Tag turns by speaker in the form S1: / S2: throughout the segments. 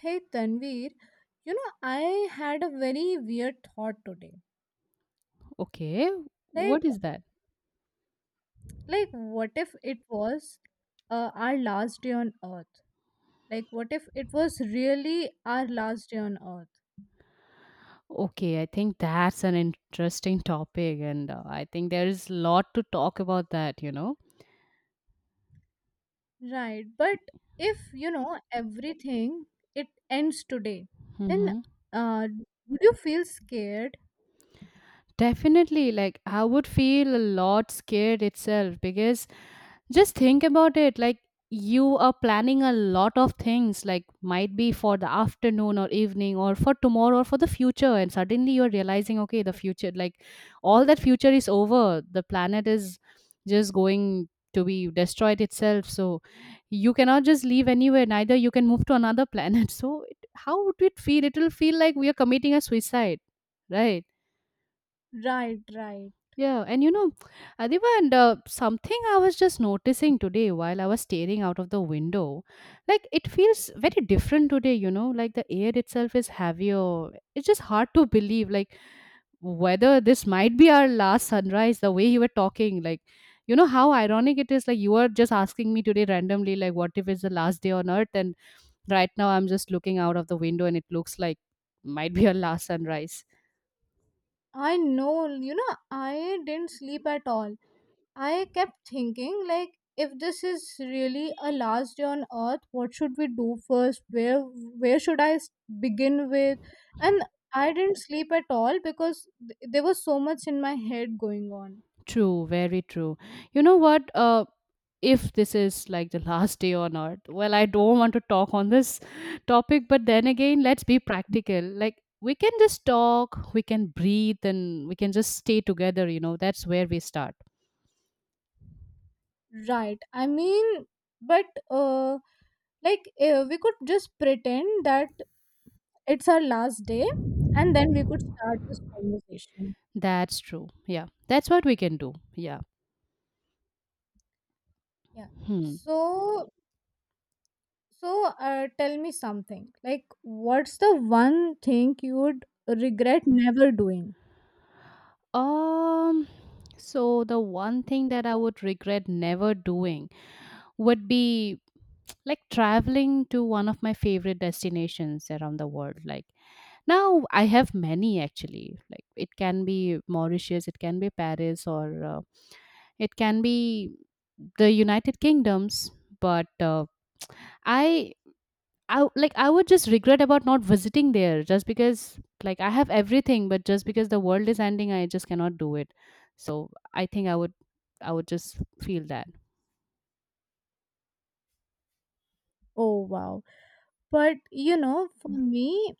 S1: Hey Tanveer, you know I had a very weird thought today.
S2: Okay,
S1: Like,
S2: what is that?
S1: like, what if it was our last day on Earth? Like, what if it was really our last day on Earth?
S2: Okay, I think that's an interesting topic, and I think there is a lot to talk about that.
S1: Right. But if you know everything, it ends today. Then,
S2: Hmm.
S1: uh, would you feel scared?
S2: Definitely, like I would feel a lot scared itself, because just think about it, like you are planning a lot of things, like might be for the afternoon or evening or for tomorrow or for the future. And suddenly you're realizing, okay, the future, like all that future is over. The planet is just going to be destroyed itself. So you cannot just leave anywhere, neither you can move to another planet. So it, how would it feel? It will feel like we are committing a suicide, right?
S1: Right. Right.
S2: Yeah, and Adiba, and something I was just noticing today while I was staring out of the window, like it feels very different today, like the air itself is heavier. It's just hard to believe, like, whether this might be our last sunrise, the way you were talking, like, how ironic it is. Like, you were just asking me today randomly, like, what if it's the last day on earth? And right now, I'm just looking out of the window and it looks like might be our last sunrise.
S1: I know. You know I didn't sleep at all. I kept thinking, like, if this is really a last day on earth, what should we do first? Where should I begin with? And I didn't sleep at all because there was so much in my head going on.
S2: True, very true. You know what? If this is like the last day on earth, well, I don't want to talk on this topic, but then again, let's be practical. Like, we can just talk, we can breathe, and we can just stay together, that's where we start.
S1: Right. I mean, but uh, like we could just pretend that it's our last day, and then we could start this conversation.
S2: That's true. Yeah, that's what we can do. Yeah.
S1: Yeah.
S2: Hmm.
S1: So So, tell me something. Like, what's the one thing you would regret never doing?
S2: Um, so the one thing that I would regret never doing would be like traveling to one of my favorite destinations around the world. Like, now I have many actually. Like it can be Mauritius, it can be Paris, or it can be the United Kingdoms. But I, I like I would just regret about not visiting there, just because like I have everything, but just because the world is ending, I just cannot do it. So I think I would just feel that.
S1: Oh, wow. But, you know, for me,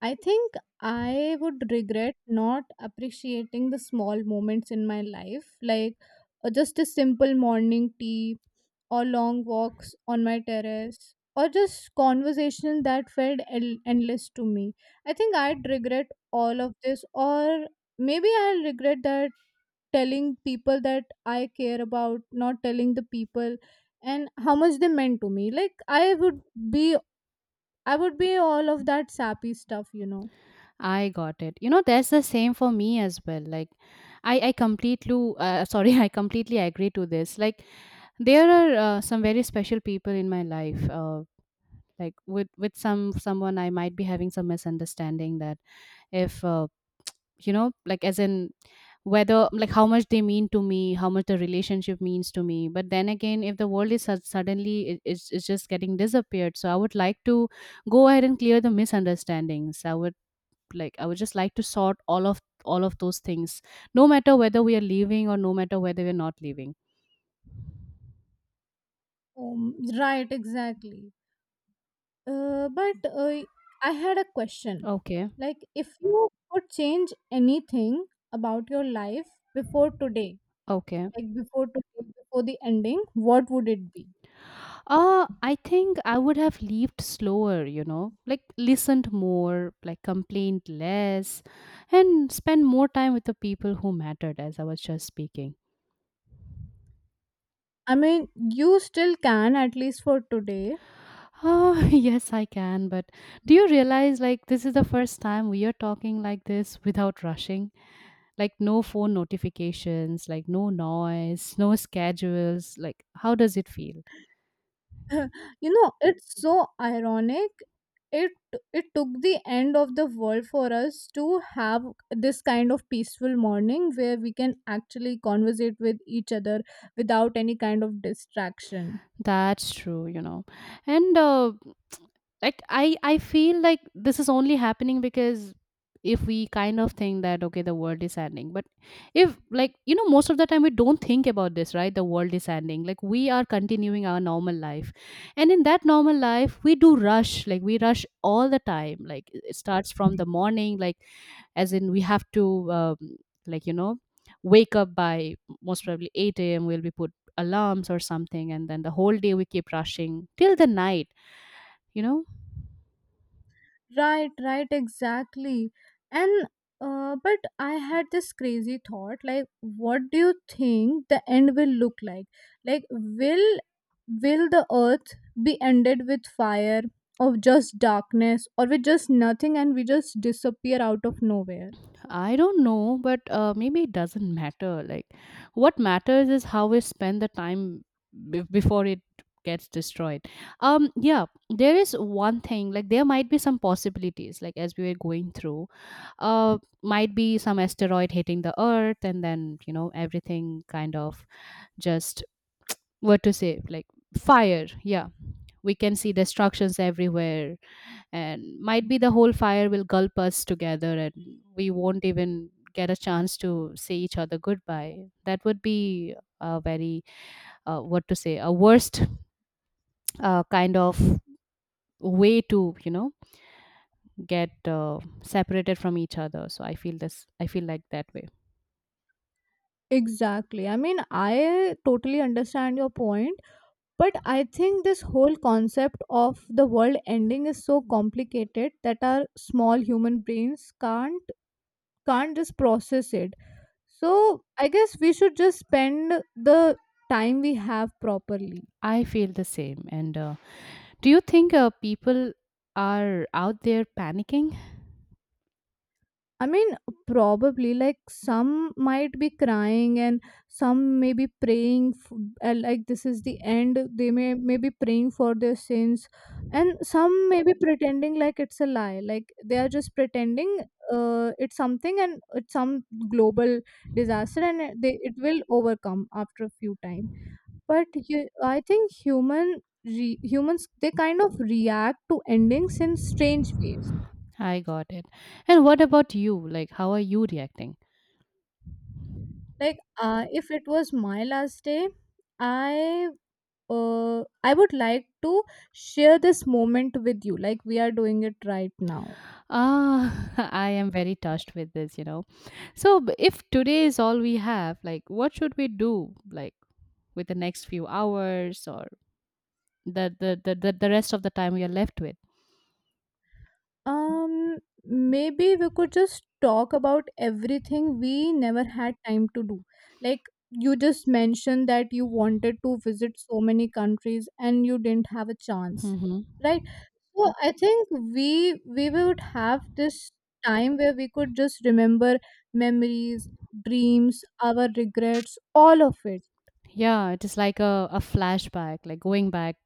S1: I think I would regret not appreciating the small moments in my life, like just a simple morning tea, or long walks on my terrace, or just conversation that felt endless to me. I think I'd regret all of this, or maybe I'll regret that telling people that I care about, not telling the people and how much they meant to me. Like be I would be all of that sappy stuff.
S2: I got it. You know, that's the same for me as well. Like, I completely, sorry, I completely agree to this. Like, there are some very special people in my life. Like with someone, I might be having some misunderstanding that, if like as in, whether like how much they mean to me, how much the relationship means to me. But then again, if the world is suddenly, it's just getting disappeared, so I would like to go ahead and clear the misunderstandings. I would just like to sort all of those things, no matter whether we are leaving or no matter whether we're not leaving.
S1: Right, exactly. But I had a question.
S2: Okay.
S1: Like, if you could change anything about your life before today,
S2: Okay.
S1: like before today, before the ending, what would it be?
S2: I think I would have lived slower, like listened more, like complained less, and spend more time with the people who mattered, as I was just speaking.
S1: I mean, you still can at least for today.
S2: Oh, yes, I can. But do you realize, like, this is the first time we are talking like this without rushing? Like, no phone notifications, like, no noise, no schedules. Like, how does it feel?
S1: You know it's so ironic, it it took the end of the world for us to have this kind of peaceful morning where we can actually conversate with each other without any kind of distraction.
S2: That's true. And like I feel like this is only happening because, if we kind of think that, okay, the world is ending. But if, like, most of the time we don't think about this, right, the world is ending, like we are continuing our normal life. And in that normal life, we do rush, like we rush all the time. Like, it starts from the morning, like as in we have to um, like wake up by most probably 8 a.m., we'll be put alarms or something, and then the whole day we keep rushing till the night you know
S1: Right, right, exactly. And but I had this crazy thought, like what do you think the end will look like? Like, will the earth be ended with fire, or just darkness, or with just nothing and we just disappear out of nowhere?
S2: I don't know, but maybe it doesn't matter. Like, what matters is how we spend the time before it gets destroyed. Yeah, there is one thing. Like, there might be some possibilities. Like, as we were going through, might be some asteroid hitting the Earth, and then everything kind of just, what to say, like fire. Yeah, we can see destructions everywhere, and might be the whole fire will gulp us together, and we won't even get a chance to say each other goodbye. That would be a very, what to say, a worst, kind of way to get separated from each other. So I feel like that way.
S1: Exactly. I mean, I totally understand your point, but I think this whole concept of the world ending is so complicated that our small human brains can't just process it. So I guess we should just spend the time we have properly.
S2: I feel the same, and do you think people are out there panicking?
S1: I mean, probably, like, some might be crying, and some may be praying, like this is the end, they may be praying for their sins. And some may be pretending like it's a lie, like they are just pretending it's something, and it's some global disaster and they it will overcome after a few time. But I think humans, they kind of react to endings in strange ways.
S2: I got it. And what about you, like how are you reacting?
S1: Like if it was my last day, i uh, I would like to share this moment with you, like we are doing it right now.
S2: Ah, I am very touched with this. So, if today is all we have, like, what should we do, like, with the next few hours or the rest of the time we are left with?
S1: um Maybe we could just talk about everything we never had time to do, like you just mentioned that you wanted to visit so many countries and you didn't have a chance,
S2: Hmm.
S1: right. So I think we would have this time where we could just remember memories, dreams, our regrets, all of it.
S2: Yeah, it is like a flashback, like going back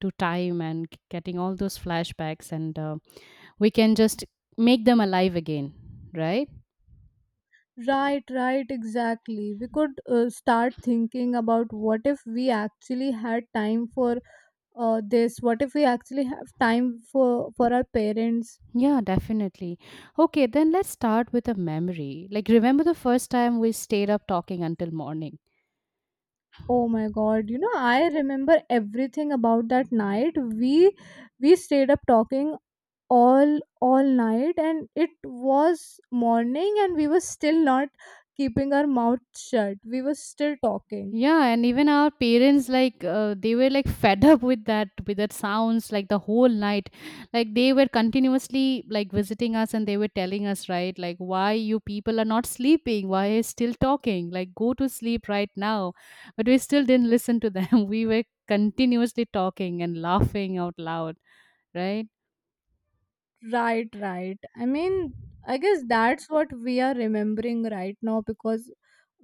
S2: to time and getting all those flashbacks, and we can just make them alive again, right?
S1: Right, right, exactly. We could start thinking about, what if we actually had time for this? What if we actually have time for our parents?
S2: Yeah, definitely. Okay, then let's start with a memory. Like, remember the first time we stayed up talking until morning?
S1: Oh my God! You know, I remember everything about that night. We stayed up talking all night, and it was morning and we were still not keeping our mouth shut, we were still talking.
S2: Yeah, and even our parents, like they were like fed up with that sounds like the whole night. Like they were continuously like visiting us, and they were telling us, right, like why you people are not sleeping, why are you still talking? Like, go to sleep right now. But we still didn't listen to them. We were continuously talking and laughing out loud, right?
S1: Right, right. I mean, I guess that's what we are remembering right now, because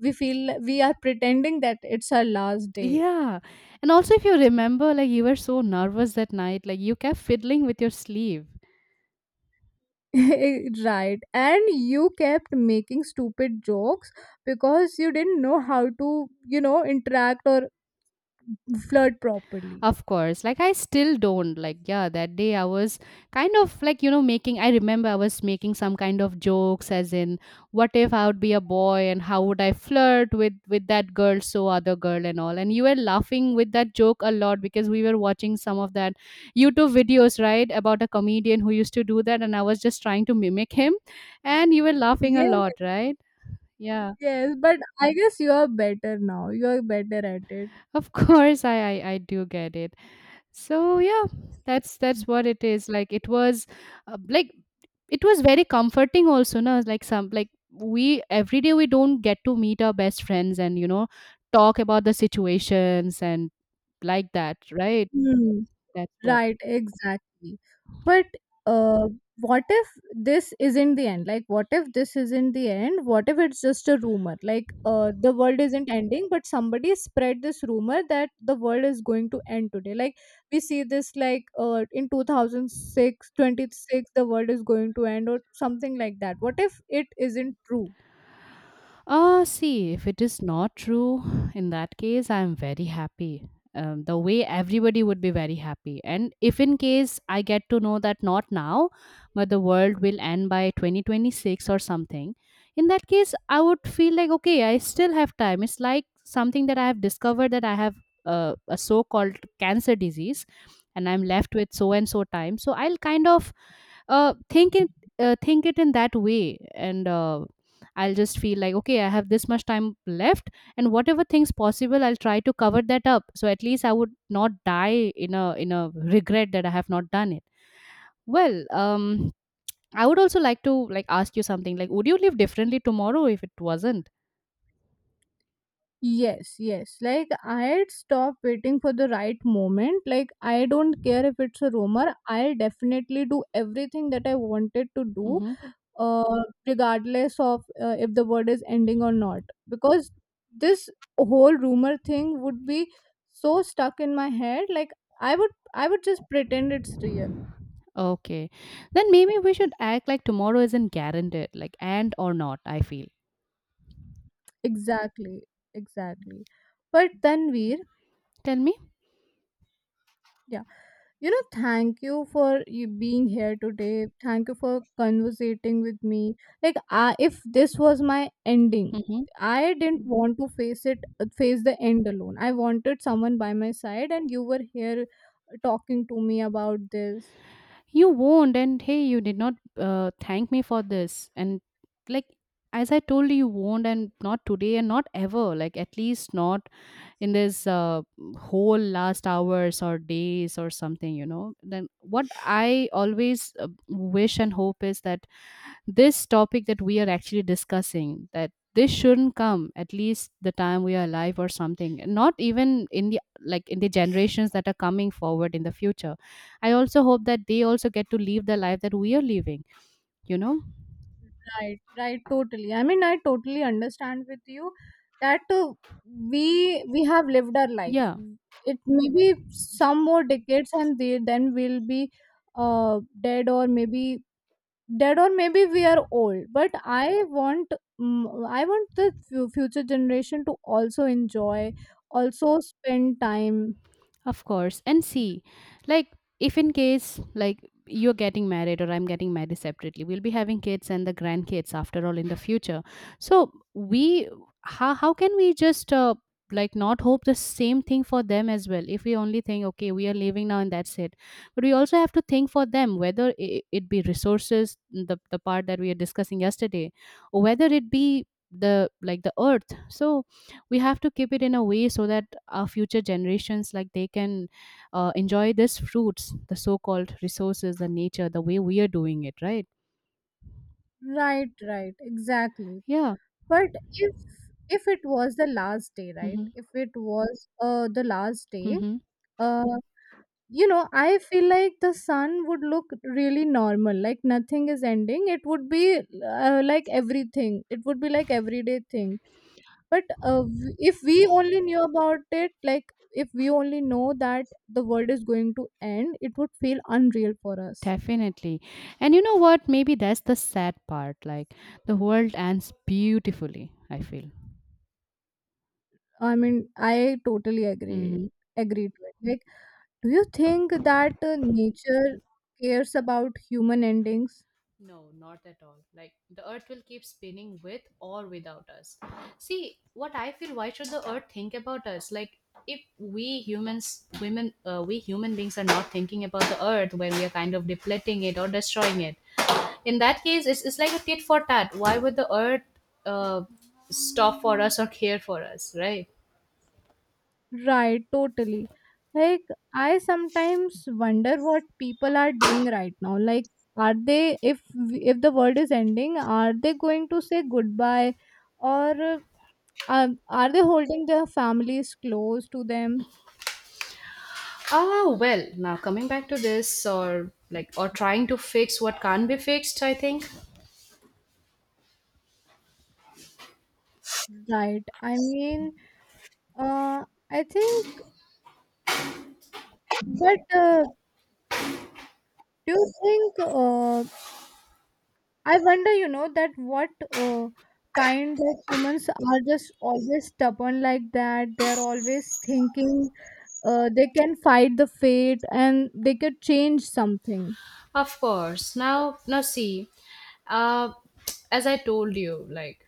S1: we feel we are pretending that it's our last day.
S2: Yeah. And also if you remember, like you were so nervous that night, like you kept fiddling with your sleeve.
S1: Right, and you kept making stupid jokes because you didn't know how to, interact or flirt properly.
S2: Of course. Like I still don't. Like yeah, that day I was kind of like, making I remember I was making some kind of jokes as in, what if I would be a boy and how would I flirt with that girl, so other girl and all. And you were laughing with that joke a lot because we were watching some of that YouTube videos, right, about a comedian who used to do that, and I was just trying to mimic him, and you were laughing a lot,
S1: Yes,
S2: right? Yeah.
S1: yes, but I guess you are better now. You are better at it.
S2: Of course I do get it. So yeah, that's what it is, like uh, like it was very comforting also, no, like some like we every day we don't get to meet our best friends and talk about the situations and like that, right,
S1: Hmm.
S2: that's what.
S1: Right, exactly. But uh, what if this isn't the end? Like, what if this isn't the end? What if it's just a rumor? Like, the world isn't ending, but somebody spread this rumor that the world is going to end today. Like, we see this, like in 2006 26, the world is going to end, or something like that. What if it isn't true?
S2: See, if it is not true, in that case, I'm very happy. The way everybody would be very happy. And if in case I get to know that not now, but the world will end by 2026 or something, in that case, I would feel like, okay, I still have time. It's like something that I have discovered, that I have a so called cancer disease, and I'm left with so and so time. So I'll kind of uh, think it think it in that way, and I'll just feel like, okay, I have this much time left, and whatever things possible, I'll try to cover that up. So at least I would not die in a regret that I have not done it. Well, I would also like to like ask you something. Like, would you live differently tomorrow if it wasn't?
S1: Yes, yes. Like I had stopped waiting for the right moment. Like I don't care if it's a rumor. I'll definitely do everything that I wanted to do,
S2: Mm-hmm.
S1: regardless of if the word is ending or not. Because this whole rumor thing would be so stuck in my head. Like I would just pretend it's real.
S2: Okay, then maybe we should act like tomorrow isn't guaranteed, like and or not. I feel.
S1: Exactly, exactly. But then, Veer,
S2: Tell me.
S1: yeah. You know, thank you for you being here today, thank you for conversating with me. If this was my ending,
S2: Mm-hmm.
S1: I didn't want to face it, face the end alone. I wanted someone by my side, and you were here talking to me about this.
S2: You won't, and hey, you did not thank me for this, and like as I told you, you won't, and not today and not ever, like at least not in this whole last hours or days or something, then what I always wish and hope is that this topic that we are actually discussing, that this shouldn't come at least the time we are alive or something, and not even in the, generations that are coming forward in the future. I also hope that they also get to live the life that we are living you know
S1: Right, right, totally. I mean, I totally understand with you that we have lived our
S2: yeah.
S1: life. It may be some more decades, and then we'll be dead, or maybe dead, or maybe we are old. But i want I want the future generation to also enjoy, also spend time.
S2: Of course. And see, like, if in case, like, you're getting married or I'm getting married separately, we'll be having kids and the grandkids after all in the future. So, we, how, how can we just like not hope the same thing for them as well if we only think, okay, we are leaving now and that's it. But we also have to think for them, whether it be resources, the part that we are discussing yesterday, or whether it be the, like, the earth. So we have to keep it in a way so that our future generations, like, they can enjoy this fruits, the so-called resources, the nature, the way we are doing it, right?
S1: Right, right, exactly.
S2: Yeah.
S1: But if it was the last day, right?
S2: Hmm.
S1: If it was the last day,
S2: Hmm.
S1: uh you know, I feel like the sun would look really normal, like nothing is ending. It would be like everything. It would be like everyday thing, but if we only knew about it, like if we only know that the world is going to end, it would feel unreal for us.
S2: Definitely. And you know what, maybe that's the sad part, like the world ends beautifully, I feel.
S1: I mean, I totally agree
S2: Mm-hmm.
S1: agree to it. Like, do you think that nature cares about human endings?
S2: No, not at all. Like, the earth will keep spinning with or without us. See, what I feel, why should the earth think about us? Like, if we humans, women, we human beings are not thinking about the earth when we are kind of depleting it or destroying it. In that case, it's like a tit for tat. Why would the earth uh, stop for us or care for us, right?
S1: Right, totally. Like, I sometimes wonder what people are doing right now. Like, are they, if the world is ending, are they going to say goodbye, or are they holding their families close to them?
S2: Ah, well, now coming back to this, or like, or trying to fix what can't be fixed, I think.
S1: Right. I mean, uh, I think, but do you think, I wonder, you know, that what uh, kind of, humans are just always stubborn like that? They're always thinking they can fight the fate, and they could change something.
S2: Of course. Now see, uh, as I told you, like,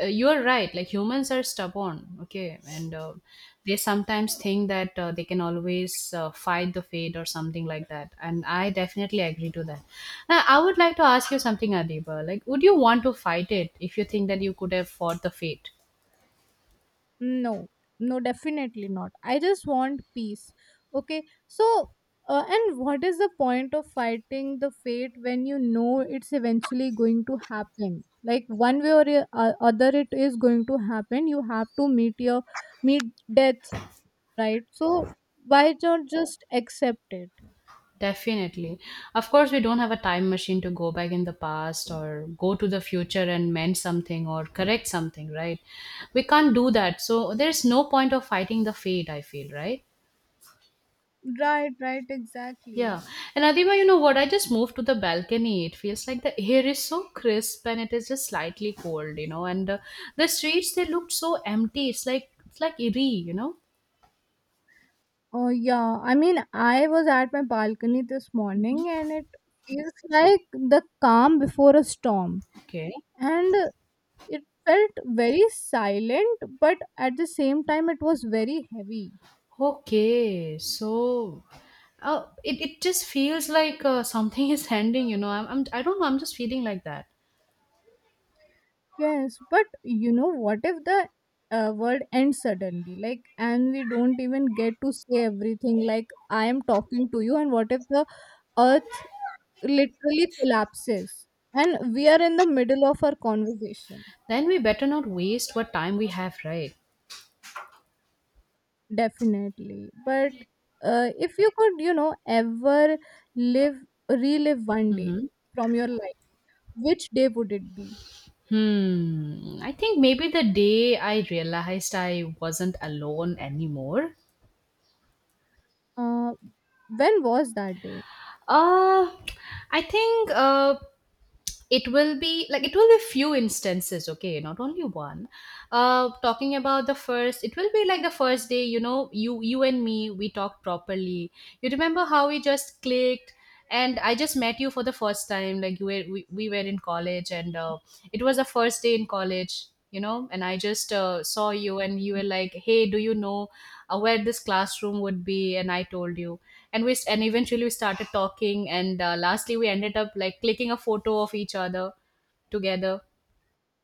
S2: you are right. Like, humans are stubborn, okay, and they sometimes think that they can always fight the fate or something like that. And I definitely agree to that. Now, I would like to ask you something, Adiba. Like, would you want to fight it if you think that you could have fought the fate?
S1: No, no, definitely not. I just want peace. Okay, so and what is the point of fighting the fate when you know it's eventually going to happen? Like, one way or the other, it is going to happen. You have to meet death, right? So why not just accept it?
S2: Definitely. Of course, we don't have a time machine to go back in the past or go to the future and mend something or correct something, right? We can't do that. So there's no point of fighting the fate, I feel, right?
S1: Right, right, exactly.
S2: Yeah. And Adima, you know what? I just moved to the balcony. It feels like the air is so crisp and it is just slightly cold, you know. And the streets, they looked so empty. It's like eerie, you know?
S1: Oh yeah, I mean, I was at my balcony this morning, and it feels like the calm before a storm.
S2: Okay.
S1: And it felt very silent, but at the same time, it was very heavy.
S2: Okay, so it just feels like something is ending, you know. I don't know, I'm just feeling like that.
S1: Yes, but you know, what if the world ends suddenly? Like, and we don't even get to say everything. Like, I am talking to you, and what if the earth literally collapses? And we are in the middle of our conversation.
S2: Then we better not waste what time we have, right?
S1: Definitely. But if you could, you know, ever live, relive one day
S2: Mm-hmm.
S1: from your life, which day would it be?
S2: Hmm. I think maybe the day I realized I wasn't alone anymore.
S1: Uh, when was that day?
S2: Uh, I think it will be like, it will be few instances, okay, not only one. Talking about the first, it will be like the first day, you know, you and me, we talked properly. You remember how we just clicked, and I just met you for the first time. Like, you were, we were in college, and it was the first day in college, you know, and I just saw you, and you were like, hey, do you know where this classroom would be? And I told you, and eventually we started talking, and lastly we ended up like clicking a photo of each other together.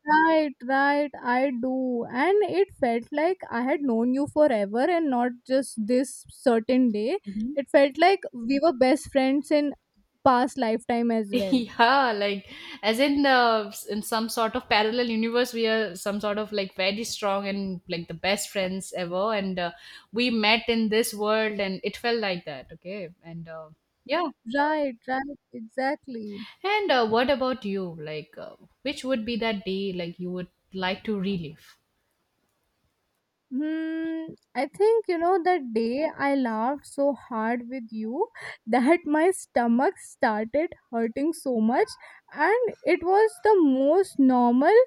S1: Right, right, I do. And it felt like I had known you forever and not just this certain day.
S2: Mhm.
S1: It felt like we were best friends in past lifetime as well.
S2: Yeah, like, as in the, in some sort of parallel universe, we are some sort of like very strong and like the best friends ever, and we met in this world, and it felt like that, okay. and Yeah.
S1: Right, right, exactly.
S2: And what about you, like, which would be that day, like you would like to relive?
S1: Hmm, I think you know that day I laughed so hard with you that my stomach started hurting so much, and it was the most normal,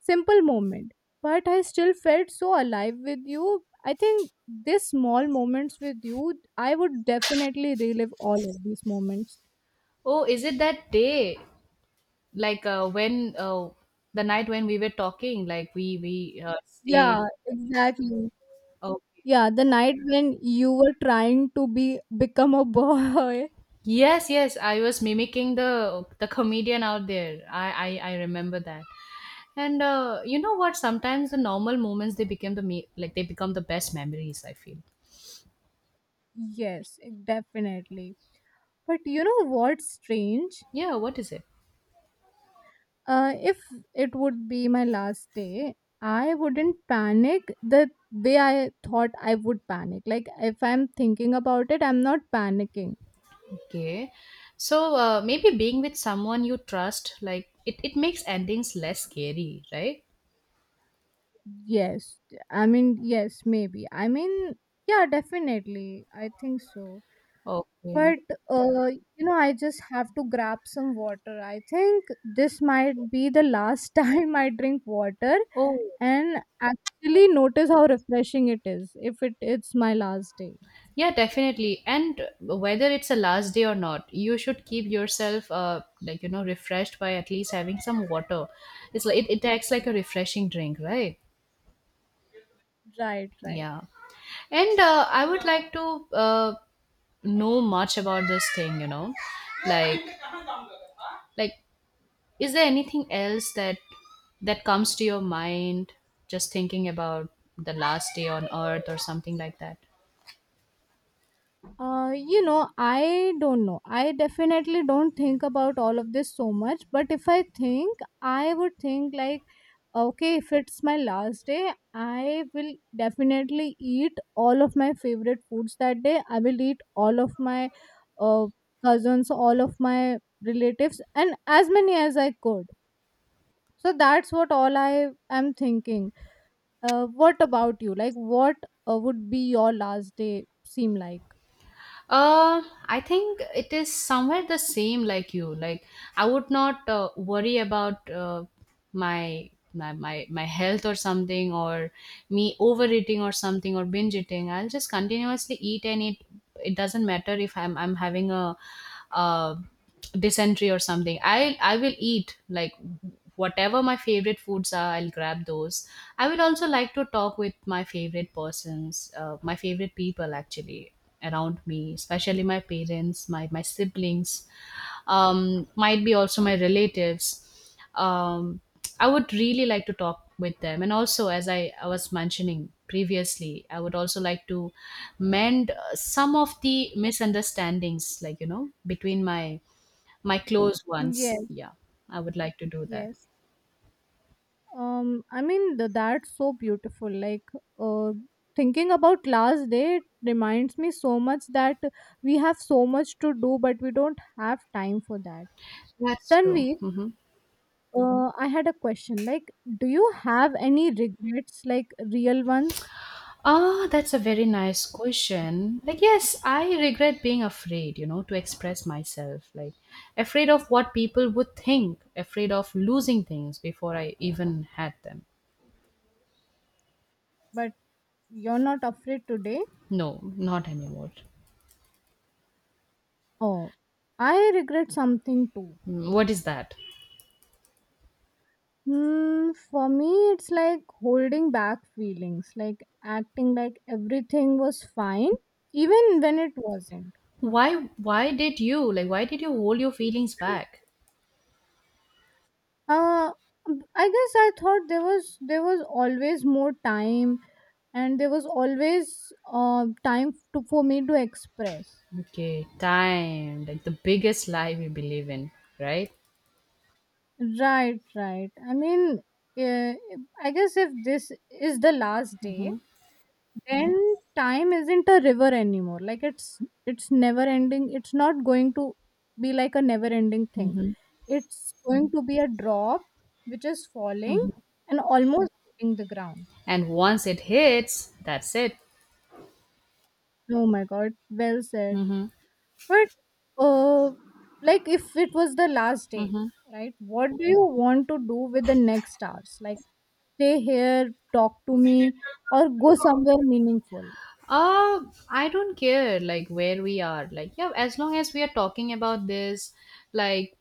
S1: simple moment. But I still felt so alive with you. I think these small moments with you, I would definitely relive all of these moments.
S2: Oh, is it that day, like, when, the night when we were talking, like we stayed?
S1: Yeah, exactly.
S2: Okay.
S1: Yeah, the night when you were trying to be become a boy.
S2: Yes, yes, I was mimicking the comedian out there. I remember that. And you know what, sometimes the normal moments, they become the like they become the best memories, I feel.
S1: Yes, definitely. But you know what's strange?
S2: Yeah, what is it?
S1: If it would be my last day, I wouldn't panic the way I thought I would panic. Like, if I'm thinking about it, I'm not panicking.
S2: Okay, so maybe being with someone you trust, like, it makes endings less scary, right?
S1: Yes. I mean, yes, maybe. I mean, yeah, definitely. I think so.
S2: Okay.
S1: But, uh, you know, I just have to grab some water. I think this might be the last time I drink water,
S2: Oh.
S1: and actually notice how refreshing it is, if it's my last day.
S2: Yeah, definitely. And whether it's a last day or not, you should keep yourself, like, you know, refreshed by at least having some water. It's like it acts like a refreshing drink, right?
S1: Right, right.
S2: Yeah. And I would like to know much about this thing. You know, like like, is there anything else that that comes to your mind just thinking about the last day on Earth or something like that?
S1: You know, I don't know, I definitely don't think about all of this so much. But if I think, I would think like, okay, if it's my last day, I will definitely eat all of my favorite foods that day. I will eat all of my uh, cousins, all of my relatives, and as many as I could. So that's what all I am thinking. What about you? Like, what would be your last day seem like?
S2: Uh, I think it is somewhere the same like you. Like, I would not worry about my, my health or something, or me overeating or something, or binge eating. I'll just continuously eat and eat. It doesn't matter if I'm having a uh, dysentery or something. I will eat, like, whatever my favorite foods are, I'll grab those. I will also like to talk with my favorite persons, my favorite people, actually, around me, especially my parents, my siblings, might be also my relatives, I would really like to talk with them. And also, as I was mentioning previously, I would also like to mend some of the misunderstandings, like, you know, between my my close
S1: Yes,
S2: ones, yeah, I would like to do that.
S1: yes. I mean, that's so beautiful. Like, uh, thinking about last day, it reminds me so much that we have so much to do, but we don't have time for that.
S2: That's true,
S1: Tanvi,
S2: mhm.
S1: I had a question. Like, do you have any regrets, like real ones?
S2: Ah, that's a very nice question. Like, yes, I regret being afraid, you know, to express myself, like afraid of what people would think, afraid of losing things before I even had them.
S1: But you're not afraid today?
S2: No, not anymore.
S1: Oh, I regret something too.
S2: Mm, what is that?
S1: Hmm, for me, it's like holding back feelings, like acting like everything was fine, even when it wasn't.
S2: Why did you, like, why did you hold your feelings back?
S1: Uh, I guess I thought there was always more time, and there was always time to, for me to express.
S2: Okay, time, like the biggest lie we believe in, right?
S1: Right, right. I mean, uh, I guess if this is the last day,
S2: Mm-hmm.
S1: then time isn't a river anymore, like it's never ending, it's not going to be like a never ending thing.
S2: Mm-hmm.
S1: It's going to be a drop which is falling and almost hitting the ground.
S2: And once it hits, that's it.
S1: Oh my god, well said.
S2: Mm-hmm.
S1: But uh like if it was the last day,
S2: Mm-hmm.
S1: right, what do you want to do with the next hours? Like, stay here, talk to me, or go somewhere meaningful?
S2: Uh, I don't care, like, where we are. Like, yeah, as long as we are talking about this, like,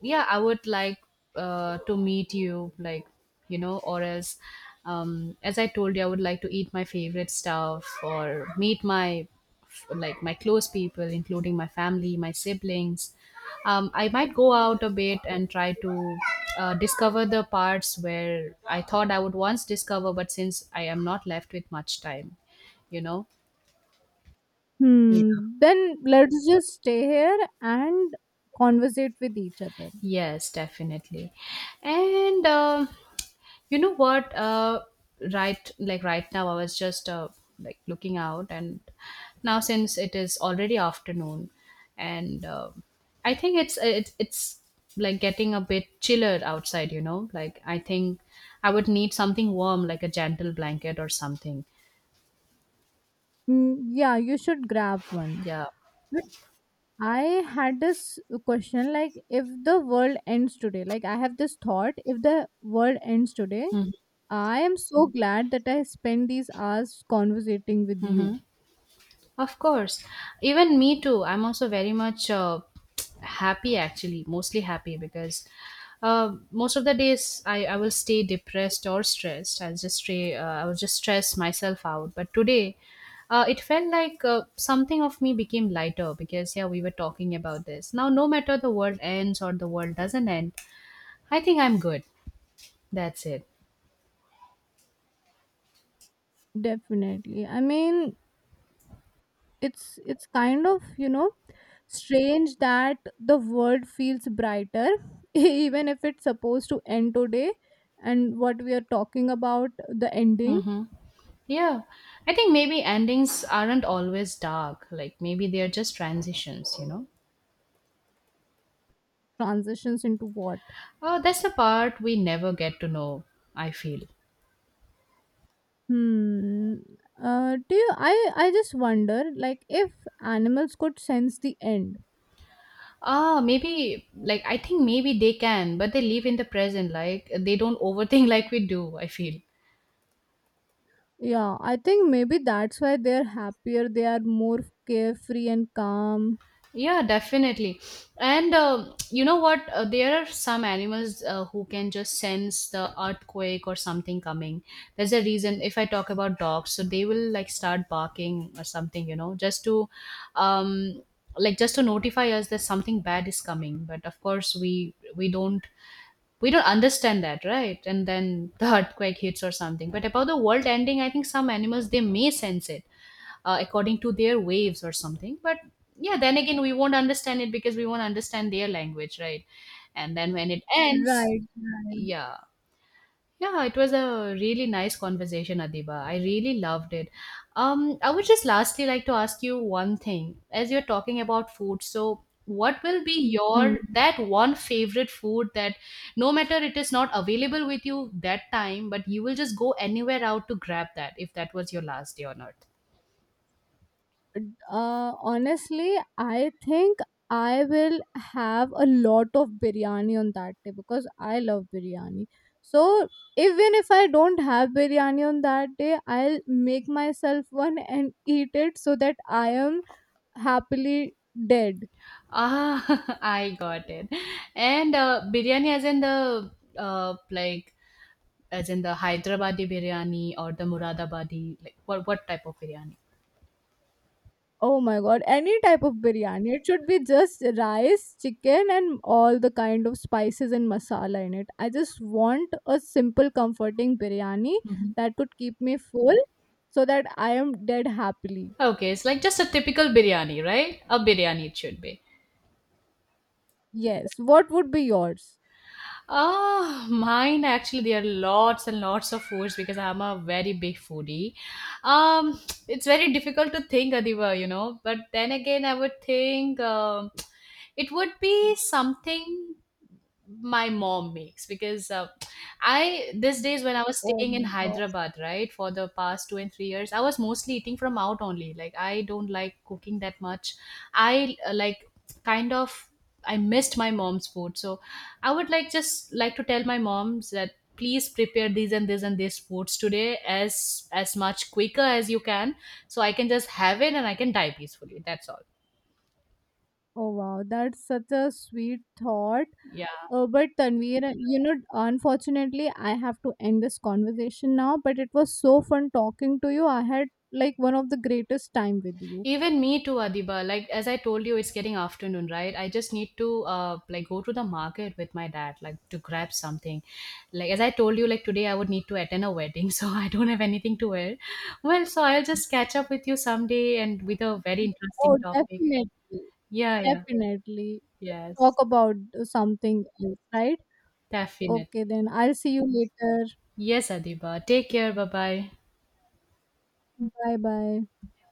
S2: yeah, I would like to meet you, like, you know, or as, as I told you, I would like to eat my favorite stuff or meet my, like, my close people, including my family, my siblings. I might go out a bit and try to discover the parts where I thought I would once discover, but since I am not left with much time, you know. Yeah.
S1: Hmm. Then let's just stay here and conversate with each other.
S2: Yes, definitely. And you know what? Right, like, right now, I was just like looking out, and now since it is already afternoon, and I think it's like getting a bit chiller outside. You know, like, I think I would need something warm, like a gentle blanket or something.
S1: Mm, yeah, you should grab one.
S2: Yeah.
S1: But I had this question, like, if the world ends today, like I have this thought, if the world ends today,
S2: Hmm.
S1: I am so glad that I spent these hours conversating with you.
S2: Of course. Even me too. I'm also very much happy, actually, mostly happy because most of the days I will stay depressed or stressed. I'll just stay, I'll just stress myself out. But today, it felt like something of me became lighter because, yeah, we were talking about this. Now, no matter the world ends or the world doesn't end, I think I'm good. That's it.
S1: Definitely. I mean, it's kind of, strange that the world feels brighter, even if it's supposed to end today. And what we are talking about, the ending
S2: Yeah. I think maybe endings aren't always dark. Like, maybe they are just transitions, you know?
S1: transitions into what?
S2: Oh, that's the part we never get to know, I feel.
S1: Hmm. Do you? I just wonder, like, if animals could sense the end.
S2: Ah, maybe, like, I think maybe they can, but they live in the present. Like, they don't overthink like we do, I feel.
S1: Yeah, I think maybe that's why they're happier. They are more carefree and calm.
S2: Yeah, definitely. And you know what? There are some animals who can just sense the earthquake or something coming. There's a reason, if I talk about dogs, so they will like start barking or something, you know, just to, um, like, just to notify us that something bad is coming. But of course, we don't understand that, right, and then the earthquake hits or something. But about the world ending, I think some animals, they may sense it according to their waves or something. But yeah, then again, we won't understand it because we won't understand their language, right, and then when it ends.
S1: Right. Right.
S2: Yeah. Yeah, it was a really nice conversation, Adiba. I really loved it. I would just lastly like to ask you one thing. As you're talking about food, so what will be
S1: Hmm.
S2: your that one favorite food that no matter it is not available with you that time, but you will just go anywhere out to grab that if that was your last day on earth?
S1: Honestly, I think I will have a lot of biryani on that day because I love biryani. So even if I don't have biryani on that day, I'll make myself one and eat it so that I am happily dead.
S2: Ah, I got it. And biryani, as in the like, as in the Hyderabadi biryani or the Muradabadi, like, what type of biryani?
S1: Oh my god, any type of biryani. It should be just rice, chicken, and all the kind of spices and masala in it. I just want a simple, comforting biryani
S2: Mhm.
S1: that could keep me full so that I am dead happily.
S2: Okay, it's like just a typical biryani, right? A biryani it should be.
S1: Yes. What would be yours?
S2: Oh, mine, actually, there are lots and lots of foods because I'm a very big foodie. Um, it's very difficult to think, Adiva, you know. But then again, I would think. It would be something my mom makes, because I, these days when I was
S1: Oh
S2: staying in
S1: my god.
S2: Hyderabad, right, for the past 2 and 3 years, I was mostly eating from out only. Like, I don't like cooking that much. I like, kind of, I missed my mom's food, so I would like, just like, to tell my moms that please prepare these and this foods today as much quicker as you can, so I can just have it and I can die peacefully. That's all.
S1: Oh wow, that's such a sweet thought.
S2: Yeah.
S1: But Tanveer, you know, unfortunately, I have to end this conversation now. But it was so fun talking to you. I had like one of the greatest time with you.
S2: Even me too, Adiba. Like as I told you, it's getting afternoon, right? I just need to like go to the market with my dad, like to grab something. Like as I told you, like today I would need to attend a wedding, so I don't have anything to wear. Well, so I'll just catch up with you someday and with a very interesting
S1: Oh,
S2: topic.
S1: definitely,
S2: Yeah, yeah,
S1: definitely. Talk
S2: yes,
S1: about something else, right?
S2: definitely.
S1: Okay, then I'll see you later.
S2: Yes, Adiba. Take care. Bye bye.
S1: Bye bye.